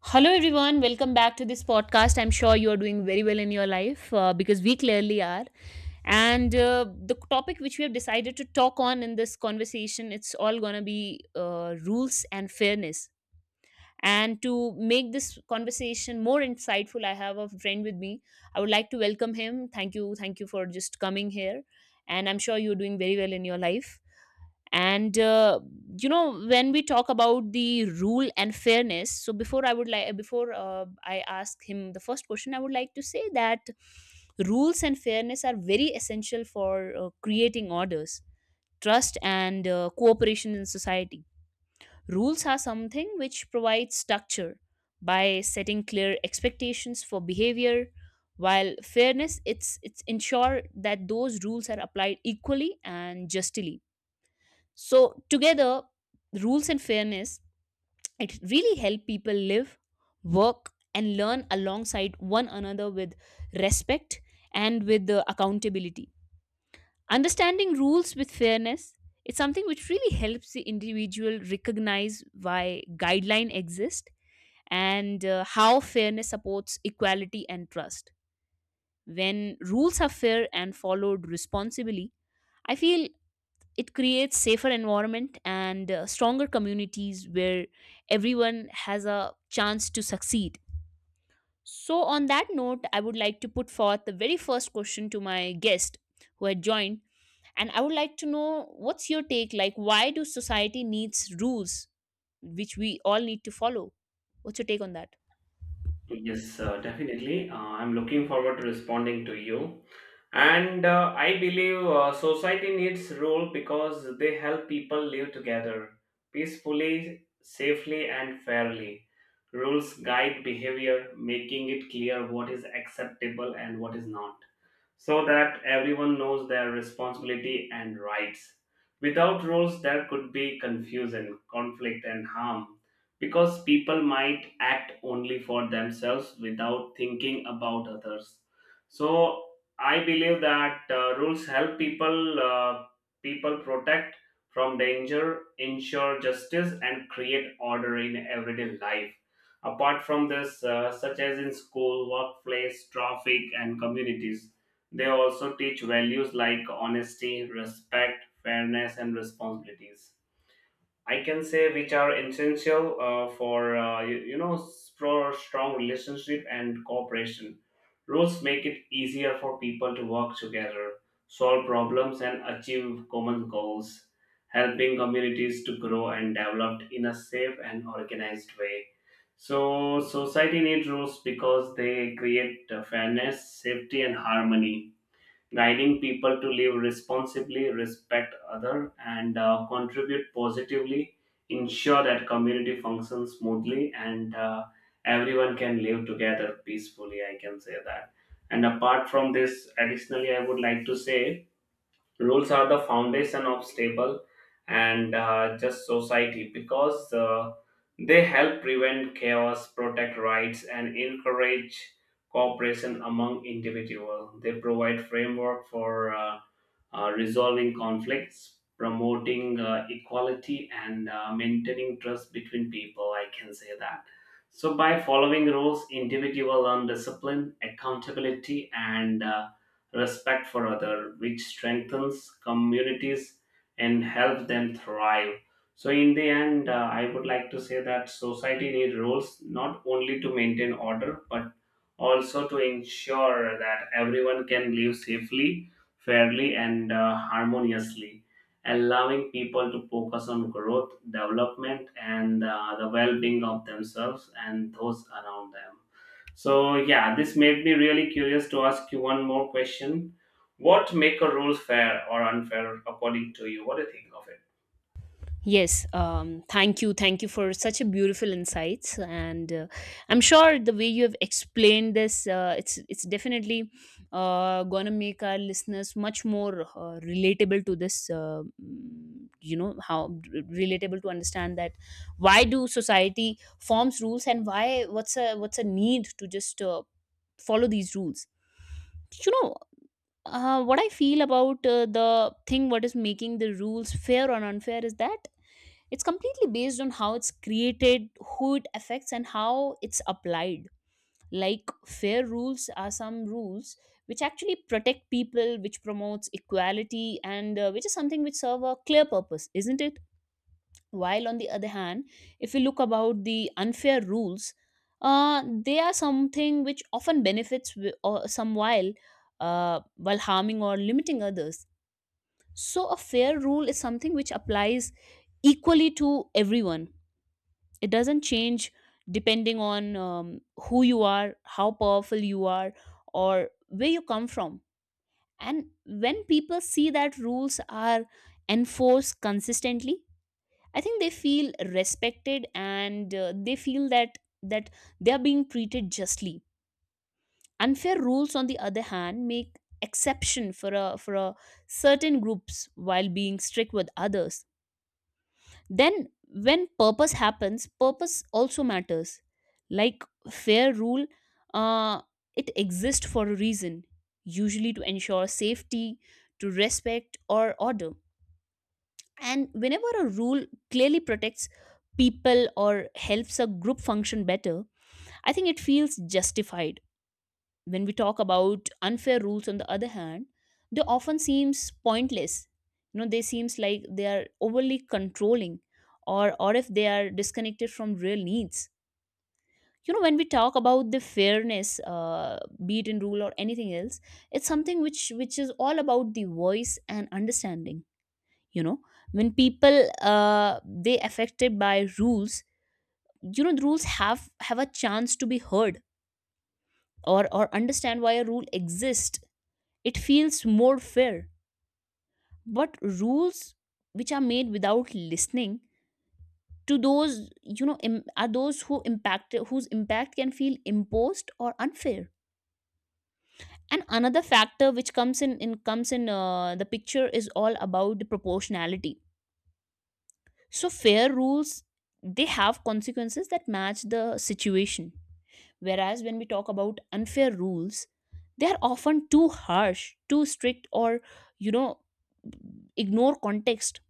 Hello, everyone. Welcome back to this podcast. I'm sure you are doing very well in your life because we clearly are. And the topic which we have decided to talk on in this conversation, it's all gonna be rules and fairness. And to make this conversation more insightful, I have a friend with me. I would like to welcome him. Thank you for just coming here. And I'm sure you're doing very well in your life and when we talk about the rule and fairness, so before I ask him the first question, I would like to say that rules and fairness are very essential for creating orders, trust, and cooperation in society. Rules are something which provides structure by setting clear expectations for behavior, while fairness, it's ensure that those rules are applied equally and justly. So together, rules and fairness, it really help people live, work, and learn alongside one another with respect and with the accountability. Understanding rules with fairness, it's something which really helps the individual recognize why guideline exist, and how fairness supports equality and trust. When rules are fair and followed responsibly, I feel it creates safer environment and stronger communities where everyone has a chance to succeed. So on that note, I would like to put forth the very first question to my guest who had joined, and I would like to know, what's your take? Like, why do society needs rules which we all need to follow? What's your take on that? Yes, definitely. I'm looking forward to responding to you. And I believe society needs rule because they help people live together peacefully, safely, and fairly. Rules guide behavior, making it clear what is acceptable and what is not so that everyone knows their responsibility and rights. Without rules, there could be confusion, conflict, and harm because people might act only for themselves without thinking about others. So, I believe that rules help people protect from danger, ensure justice, and create order in everyday life. Apart from this, such as in school, workplace, traffic, and communities they also teach values like honesty, respect, fairness, and responsibilities. I can say which are essential for for strong relationship and cooperation. Rules make it easier for people to work together, solve problems, and achieve common goals, helping communities to grow and develop in a safe and organized way. So society needs rules because they create fairness, safety, and harmony guiding people to live responsibly, respect other, and contribute positively, ensure that community functions smoothly and everyone can live together peacefully. I can say that. And apart from this, additionally, I would like to say rules are the foundation of stable and just society because they help prevent chaos, protect rights, and encourage cooperation among individuals. They provide framework for resolving conflicts, promoting equality, and maintaining trust between people. I can say that. So, by following rules, individual will learn discipline, accountability, and respect for other, which strengthens communities and help them thrive. So, in the end, I would like to say that society needs rules not only to maintain order but also to ensure that everyone can live safely fairly and harmoniously, allowing people to focus on growth, development, and the well being of themselves and those around them. So, yeah, this made me really curious to ask you one more question. What make a rule fair or unfair according to you? What do you think of it? Yes, thank you. Thank you for such a beautiful insights, and I'm sure the way you have explained this, it's definitely gonna make our listeners much more relatable to this. You know how relatable to understand that why do society forms rules and why, what's a need to just follow these rules. You know, what I feel about the thing what is making the rules fair or unfair is that it's completely based on how it's created, who it affects, and how it's applied. Like, fair rules are some rules which actually protect people, which promotes equality, and which is something which serve a clear purpose, isn't it? While on the other hand, if we look about the unfair rules, they are something which often benefits wi- or some, while harming or limiting others. So a fair rule is something which applies equally to everyone. It doesn't change depending on who you are, how powerful you are, or where you come from. And when people see that rules are enforced consistently, I think they feel respected and they feel that they are being treated justly. Unfair rules, on the other hand, make exception for a certain groups while being strict with others. Then, when purpose happens, purpose also matters. Like, fair rule, uh, it exists for a reason, usually to ensure safety, to respect or order. And whenever a rule clearly protects people or helps a group function better, I think it feels justified. When we talk about unfair rules, on the other hand, they often seems pointless. You know, they seems like they are overly controlling, or if they are disconnected from real needs. You know, when we talk about the fairness, be it in rule or anything else, it's something which is all about the voice and understanding. You know, when people, they affected by rules, you know, the rules have a chance to be heard or understand why a rule exists, it feels more fair. But rules which are made without listening to those, you know, are those who impact, whose impact can feel imposed or unfair. And another factor which comes in, comes in the picture is all about the proportionality. So fair rules, they have consequences that match the situation. Whereas when we talk about unfair rules, they are often too harsh, too strict, or, you know, ignore context.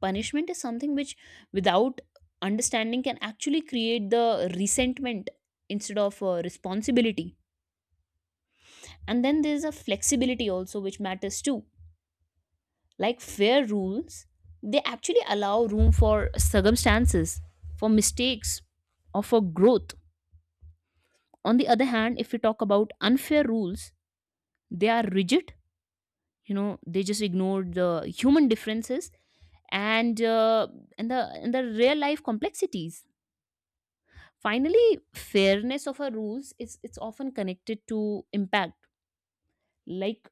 Punishment is something which without understanding can actually create the resentment instead of responsibility. And then there's a flexibility also which matters too. Like, fair rules, they actually allow room for circumstances, for mistakes, or for growth. On the other hand, if we talk about unfair rules, they are rigid. You know, they just ignore the human differences and and the real life complexities. Finally, fairness of our rules is, it's often connected to impact. Like,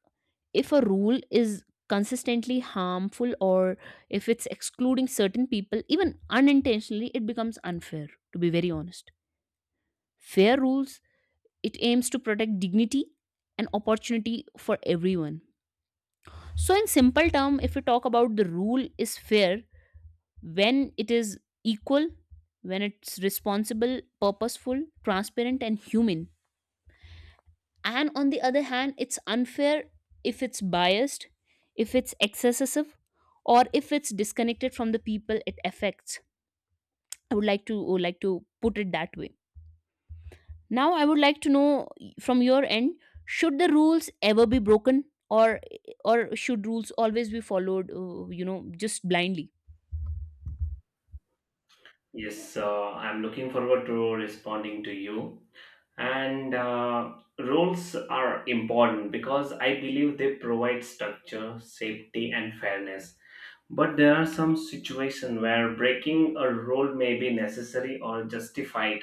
if a rule is consistently harmful or if it's excluding certain people, even unintentionally, it becomes unfair, to be very honest. Fair rules, it aims to protect dignity and opportunity for everyone. So in simple term, if we talk about, the rule is fair when it is equal, when it's responsible, purposeful, transparent, and human. And on the other hand, it's unfair if it's biased, if it's excessive, or if it's disconnected from the people it affects. I would like to put it that way. Now I would like to know, from your end, should the rules ever be broken, or or should rules always be followed you know, just blindly? Yes, I'm looking forward to responding to you. And rules are important because I believe they provide structure, safety, and fairness. But there are some situations where breaking a rule may be necessary or justified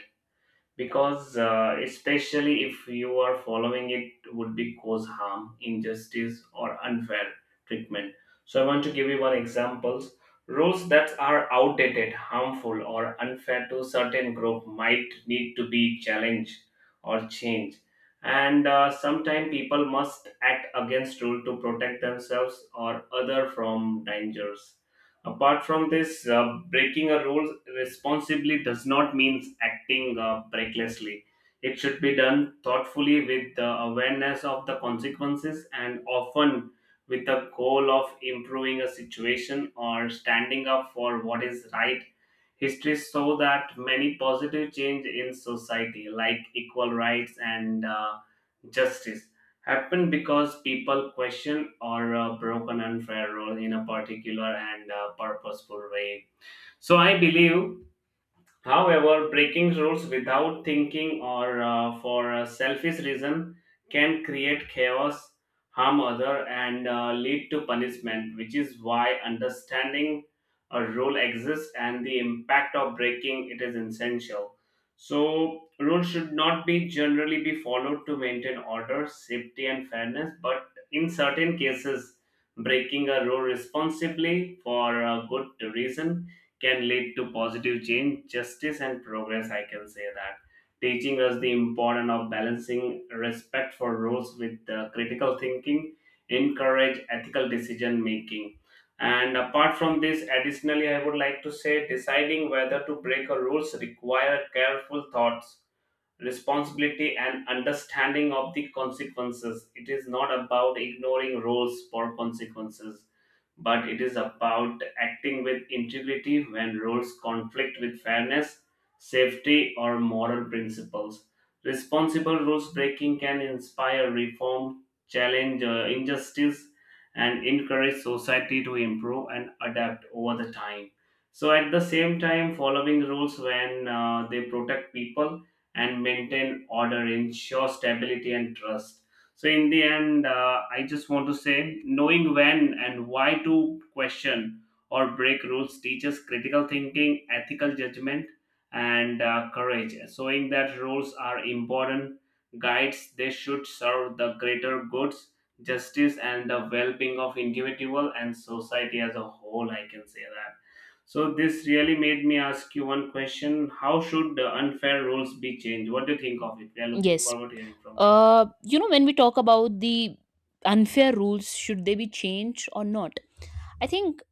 because, especially if you are following it, would be cause harm, injustice, or unfair treatment. So I want to give you one examples. Rules that are outdated, harmful, or unfair to certain group might need to be challenged or changed. And sometimes people must act against rule to protect themselves or other from dangers. Apart from this, breaking a rule responsibly does not mean acting recklessly. It should be done thoughtfully with the awareness of the consequences and often with the goal of improving a situation or standing up for what is right. History show that many positive change in society, like equal rights and justice happen because people question or broken unfair rule in a particular and purposeful way so I believe. However, breaking rules without thinking or for a selfish reason can create chaos, harm other, and lead to punishment, which is why understanding a rule exists and the impact of breaking it is essential. So, rules should not be generally be followed to maintain order, safety, and fairness, but in certain cases, breaking a rule responsibly for a good reason can lead to positive change, justice, and progress. I can say that. Teaching us the importance of balancing respect for rules with critical thinking, encourage ethical decision making. And apart from this, additionally, I would like to say deciding whether to break a rules require careful thoughts, responsibility, and understanding of the consequences. It is not about ignoring rules for consequences but it is about acting with integrity when roles conflict with fairness, safety, or moral principles. Responsible rules breaking can inspire reform, challenge injustice, and encourage society to improve and adapt over the time. So, at the same time, following rules when they protect people and maintain order ensure stability and trust. So, in the end, I just want to say knowing when and why to question or break rules teaches critical thinking, ethical judgment, and courage, showing that rules are important guides. They should serve the greater goods, justice, and the well being of individual and society as a whole. I can say that. So, this really made me ask you one question. How should the unfair rules be changed? What do you think of it? We are looking Yes, forward to hearing from you. You know, when we talk about the unfair rules, should they be changed or not? I think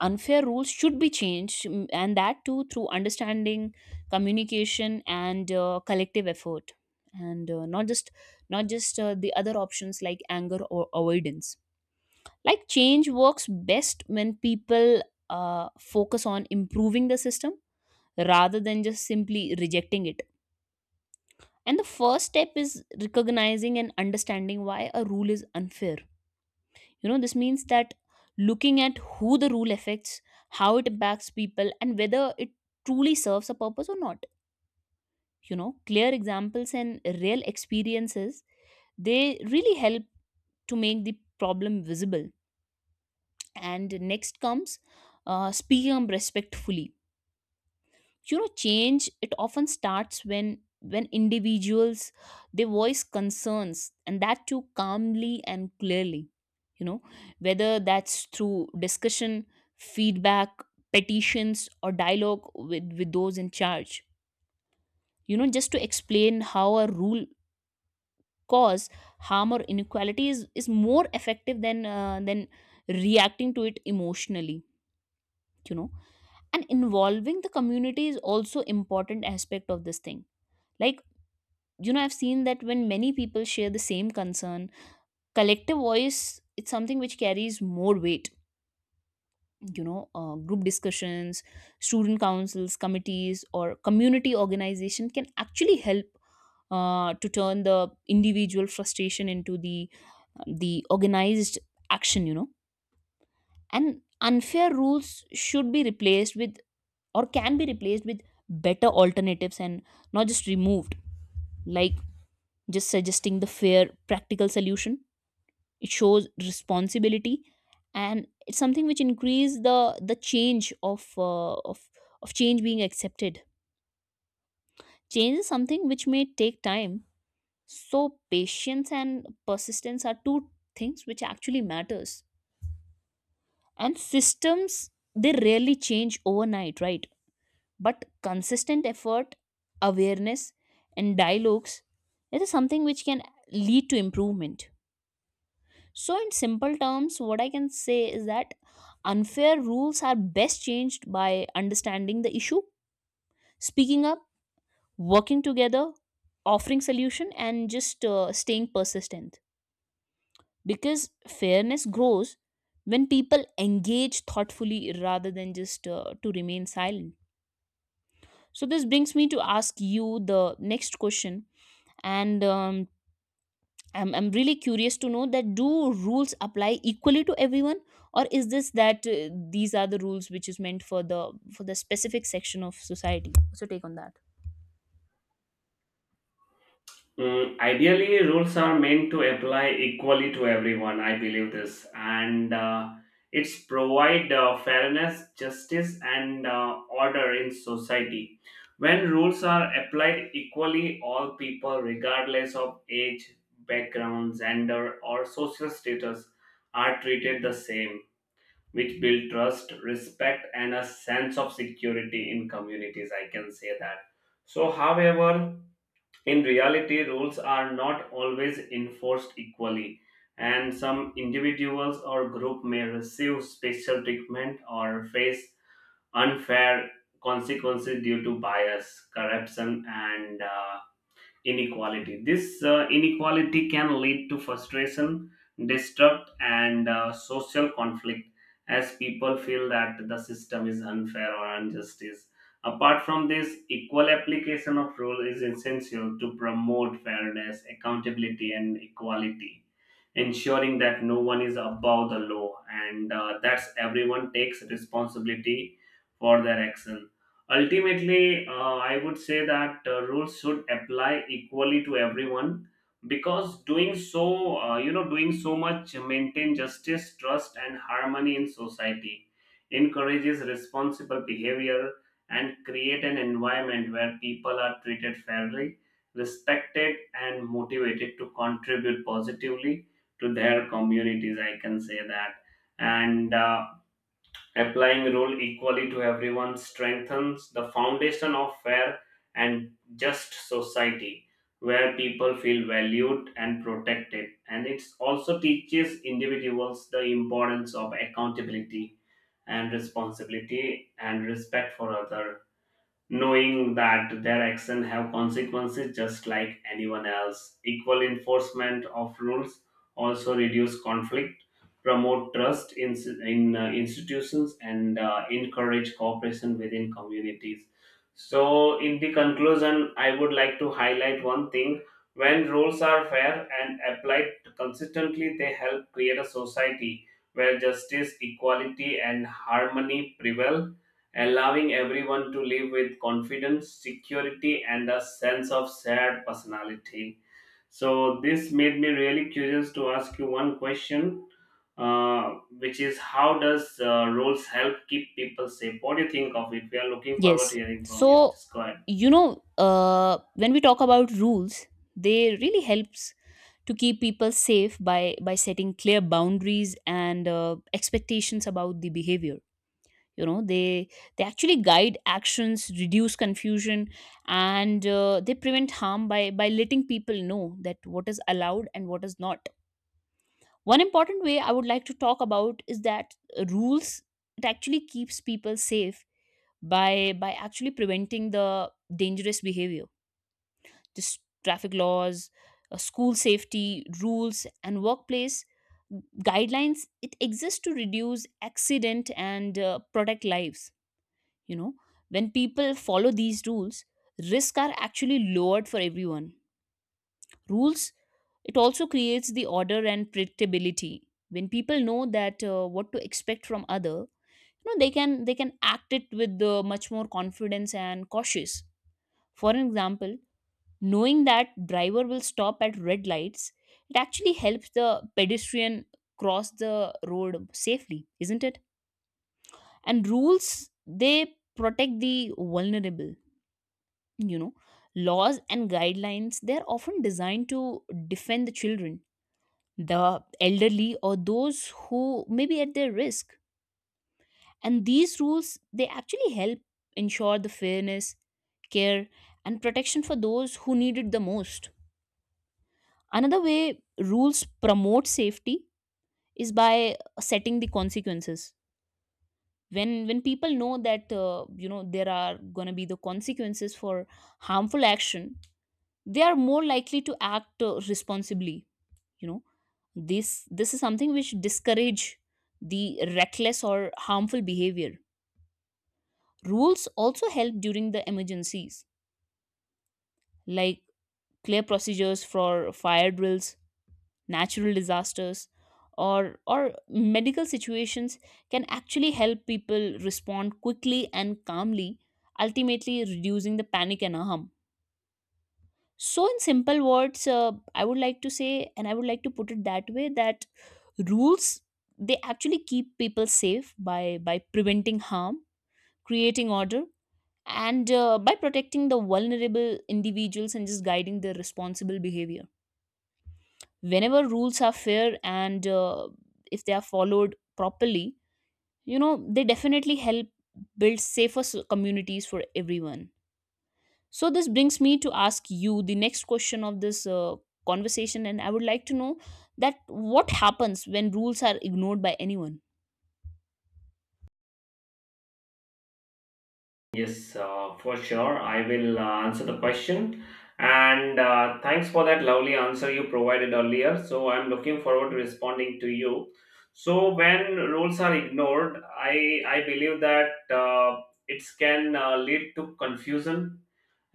unfair rules should be changed, and that too through understanding, communication, and collective effort. And not just the other options like anger or avoidance. Like, change works best when people focus on improving the system rather than just simply rejecting it. And the first step is recognizing and understanding why a rule is unfair. You know, this means that looking at who the rule affects, how it impacts people, and whether it truly serves a purpose or not. You know, clear examples and real experiences, they really help to make the problem visible. And next comes speaking up respectfully. You know, change, it often starts when individuals, they voice concerns, and that too calmly and clearly. You know, whether that's through discussion, feedback, petitions, or dialogue with those in charge. You know, just to explain how a rule cause harm or inequality is more effective than reacting to it emotionally, you know. And involving the community is also important aspect of this thing. Like, you know, I've seen that when many people share the same concern, collective voice, it's something which carries more weight. You know, group discussions, student councils, committees, or community organization can actually help to turn the individual frustration into the organized action, you know. And unfair rules should be replaced with, or can be replaced with, better alternatives, and not just removed. Like, just suggesting the fair, practical solution, it shows responsibility, and it's something which increase the change of change being accepted. Change is something which may take time, so patience and persistence are two things which actually matters. And systems, they rarely change overnight, right? But consistent effort, awareness, and dialogues, it is something which can lead to improvement. So, in simple terms, what I can say is that unfair rules are best changed by understanding the issue, speaking up, working together, offering solution, and just staying persistent. Because fairness grows when people engage thoughtfully rather than just to remain silent. So, this brings me to ask you the next question. And I'm really curious to know that, do rules apply equally to everyone, or is this that these are the rules which is meant for the specific section of society? What's your take on that? Mm, ideally, rules are meant to apply equally to everyone. I believe this, and it's provide fairness, justice, and order in society. When rules are applied equally, all people, regardless of age, background, gender, or social status, are treated the same, which build trust, respect, and a sense of security in communities. I can say that. So, however in reality, rules are not always enforced equally, and some individuals or group may receive special treatment or face unfair consequences due to bias, corruption, and inequality. This inequality can lead to frustration, distrust, and social conflict as people feel that the system is unfair or injustice. Apart from this, equal application of rule is essential to promote fairness, accountability, and equality, ensuring that no one is above the law and that everyone takes responsibility for their action. Ultimately, I would say that rules should apply equally to everyone because doing so, doing so much maintain justice, trust, and harmony in society, encourages responsible behavior, and create an environment where people are treated fairly, respected, and motivated to contribute positively to their communities. I can say that, and. Applying rule equally to everyone strengthens the foundation of fair and just society where people feel valued and protected. And it also teaches individuals the importance of accountability and responsibility and respect for others knowing that their action have consequences just like anyone else. Equal enforcement of rules also reduce conflict, promote trust in institutions and encourage cooperation within communities. So in the conclusion I would like to highlight one thing: when rules are fair and applied consistently they help create a society where justice equality and harmony prevail, allowing everyone to live with confidence, security, and a sense of shared personality. So, this made me really curious to ask you one question, which is how does roles help keep people safe? What do you think of it? We are looking forward to Yes, hearing from you. so Just go ahead. you know, when we talk about rules, they really helps to keep people safe by setting clear boundaries and expectations about the behavior. You know, they actually guide actions, reduce confusion, and they prevent harm by letting people know that what is allowed and what is not. One important way I would like to talk about is that rules, it actually keeps people safe by actually preventing the dangerous behavior. Just traffic laws, school safety rules, and workplace guidelines, it exists to reduce accident and protect lives. You know, when people follow these rules, risks are actually lowered for everyone. Rules, it also creates the order and predictability. When people know that what to expect from other, you know, they can act it with much more confidence and cautious. For an example, knowing that driver will stop at red lights, it actually helps the pedestrian cross the road safely, isn't it? And rules, they protect the vulnerable. You know, laws and guidelines, they're often designed to defend the children, the elderly, or those who may be at their risk. And these rules, they actually help ensure the fairness, care, and protection for those who need it the most. Another way rules promote safety is by setting the consequences. When people know that you know, there are going to be the consequences for harmful action, they are more likely to act responsibly. You know, this is something which discourage the reckless or harmful behavior. Rules also help during the emergencies, like clear procedures for fire drills, natural disasters, or medical situations, can actually help people respond quickly and calmly, ultimately reducing the panic and harm. So in simple words, I would like to say and I would like to put it that way, that rules, they actually keep people safe by preventing harm, creating order, and by protecting the vulnerable individuals, and just guiding their responsible behavior. Whenever rules are fair and if they are followed properly, you know, they definitely help build safer communities for everyone. So this brings me to ask you the next question of this conversation, and I would like to know that what happens when rules are ignored by anyone. Yes, for sure. I will answer the question. And thanks for that lovely answer you provided earlier. So I'm looking forward to responding to you. So when rules are ignored, I believe that it can lead to confusion.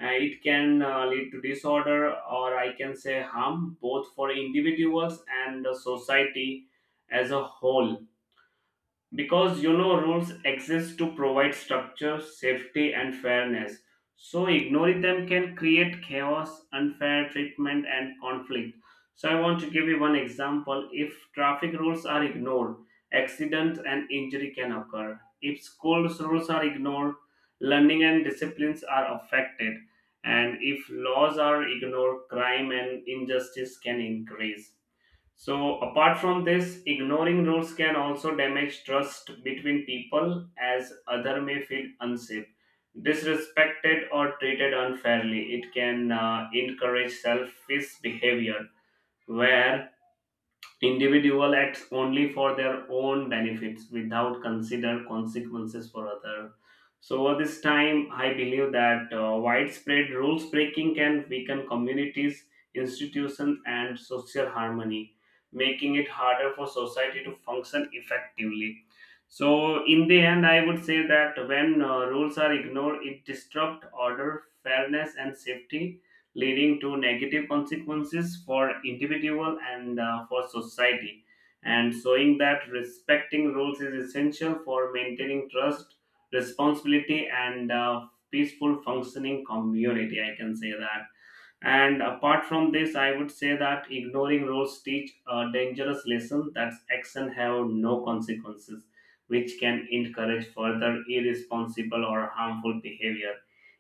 It can lead to disorder, or I can say harm, both for individuals and the society as a whole, because you know rules exist to provide structure, safety, and fairness, so ignoring them can create chaos, unfair treatment, and conflict. So I want to give you one example: if traffic rules are ignored accidents and injury can occur, if schools rules are ignored learning and disciplines are affected, and if laws are ignored crime and injustice can increase. So, apart from this, ignoring rules can also damage trust between people as other may feel unsafe, disrespected, or treated unfairly. It can encourage selfish behavior where individual acts only for their own benefits without consider consequences for other. So over this time, I believe that widespread rules breaking can weaken communities, institutions, and social harmony, making it harder for society to function effectively. So in the end, I would say that when rules are ignored, it disrupts order, fairness, and safety, leading to negative consequences for individual and for society, and showing that respecting rules is essential for maintaining trust, responsibility, and peaceful functioning community. I can say that. And apart from this, I would say that ignoring rules teach a dangerous lesson that action have no consequences, which can encourage further irresponsible or harmful behavior.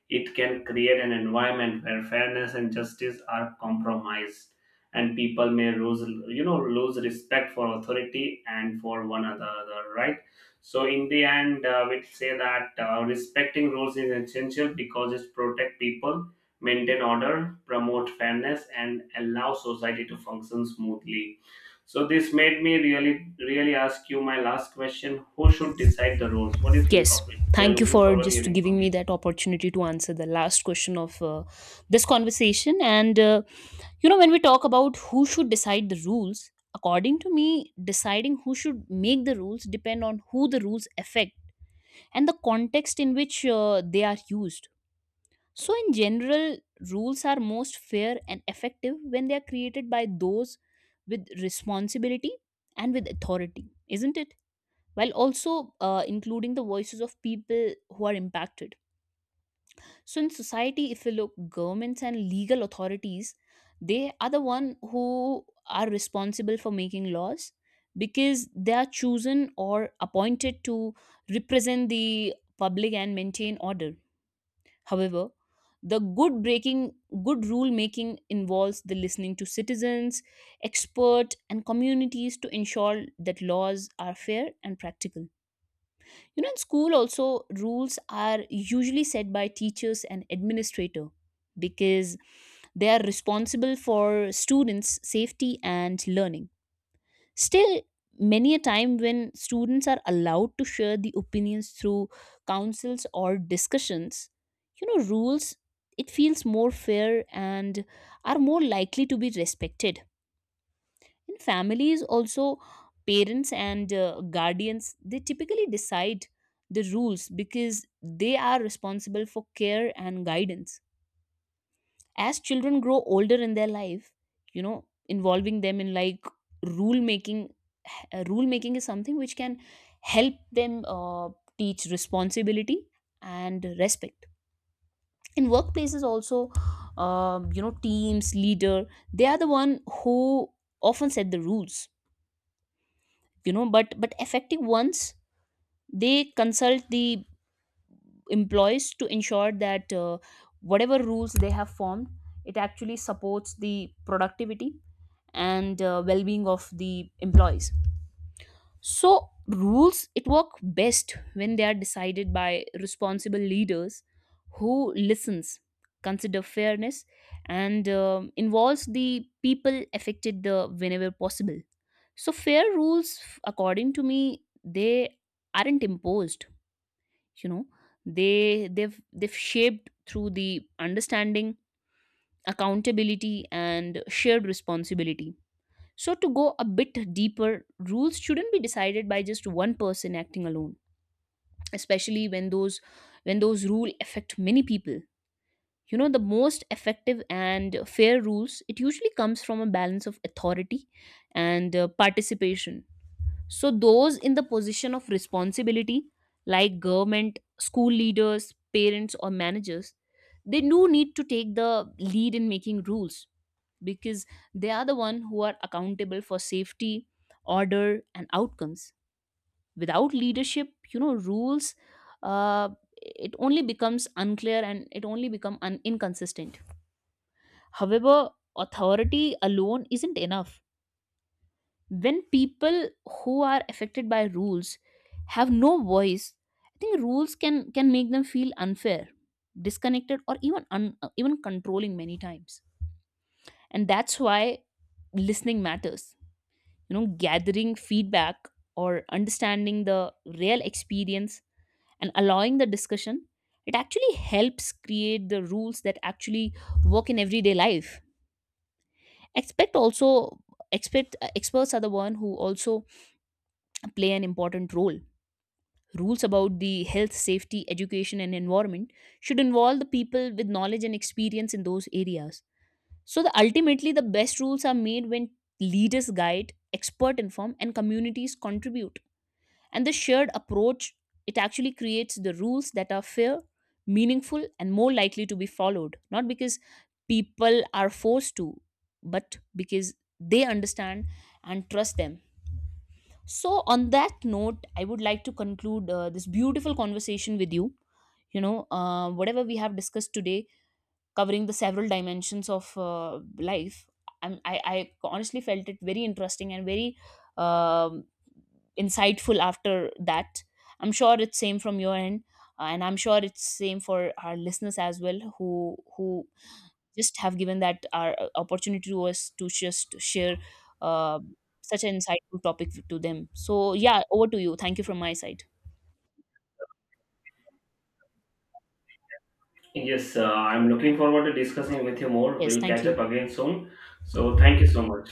It can create an environment where fairness and justice are compromised, and people may lose, you know, lose respect for authority and for one another, right? So in the end, we'd say that respecting rules is essential because it protect people, maintain order, promote fairness, and allow society to function smoothly. So this made me really, really ask you my last question: Who should decide the roles? What do you think Yes, of it? We are thank you looking for forward to just hearing giving from me you. that opportunity to answer the last question of this conversation. And you know, when we talk about who should decide the rules, according to me, deciding who should make the rules depend on who the rules affect and the context in which they are used. So, in general, rules are most fair and effective when they are created by those with responsibility and with authority, isn't it? While also including the voices of people who are impacted. So in society, if you look, governments and legal authorities, they are the one who are responsible for making laws, because they are chosen or appointed to represent the public and maintain order. However, the good rule making involves the listening to citizens, experts, and communities to ensure that laws are fair and practical. You know, in school also, rules are usually set by teachers and administrator, because they are responsible for students' safety and learning. Still, many a time when students are allowed to share the opinions through councils or discussions, you know, rules, it feels more fair and are more likely to be respected. In families also, parents and guardians, they typically decide the rules, because they are responsible for care and guidance. As children grow older in their life, you know, involving them in, like, rule making, rule making is something which can help them teach responsibility and respect. In workplaces also, you know, teams leader, they are the one who often set the rules. You know, but effective ones, they consult the employees to ensure that whatever rules they have formed, it actually supports the productivity and well-being of the employees. So, rules, it work best when they are decided by responsible leaders who listens, consider fairness, and involves the people affected the whenever possible. So, fair rules, according to me, they aren't imposed. You know, they've shaped through the understanding, accountability, and shared responsibility. So, to go a bit deeper, rules shouldn't be decided by just one person acting alone, especially when those rules affect many people. You know, the most effective and fair rules, it usually comes from a balance of authority and participation. So, those in the position of responsibility, like government, school leaders, parents, or managers, they do need to take the lead in making rules, because they are the one who are accountable for safety, order, and outcomes. Without leadership, you know, rules, uh, it only becomes unclear and it only become inconsistent. However, authority alone isn't enough. When people who are affected by rules have no voice, I think rules can make them feel unfair, disconnected, or even even controlling many times. And that's why listening matters. You know, gathering feedback or understanding the real experience and allowing the discussion, it actually helps create the rules that actually work in everyday life. Expect also expect experts are the one who also play an important role. Rules about the health, safety, education, and environment should involve the people with knowledge and experience in those areas. So, the ultimately the best rules are made when leaders guide, expert inform, and communities contribute. And the shared approach, it actually creates the rules that are fair, meaningful, and more likely to be followed, not because people are forced to, but because they understand and trust them. So, on that note, I would like to conclude this beautiful conversation with you. You know, whatever we have discussed today, covering the several dimensions of life, I honestly felt it very interesting and very um insightful. After that, I'm sure it's same from your end. And I'm sure it's same for our listeners as well, who just have given that our opportunity to us to just share uh, such an insightful topic to them. So yeah, over to you. Thank you from my side. Yes, I'm looking forward to discussing with you more. Yes, We'll thank catch up you. again soon. So thank you so much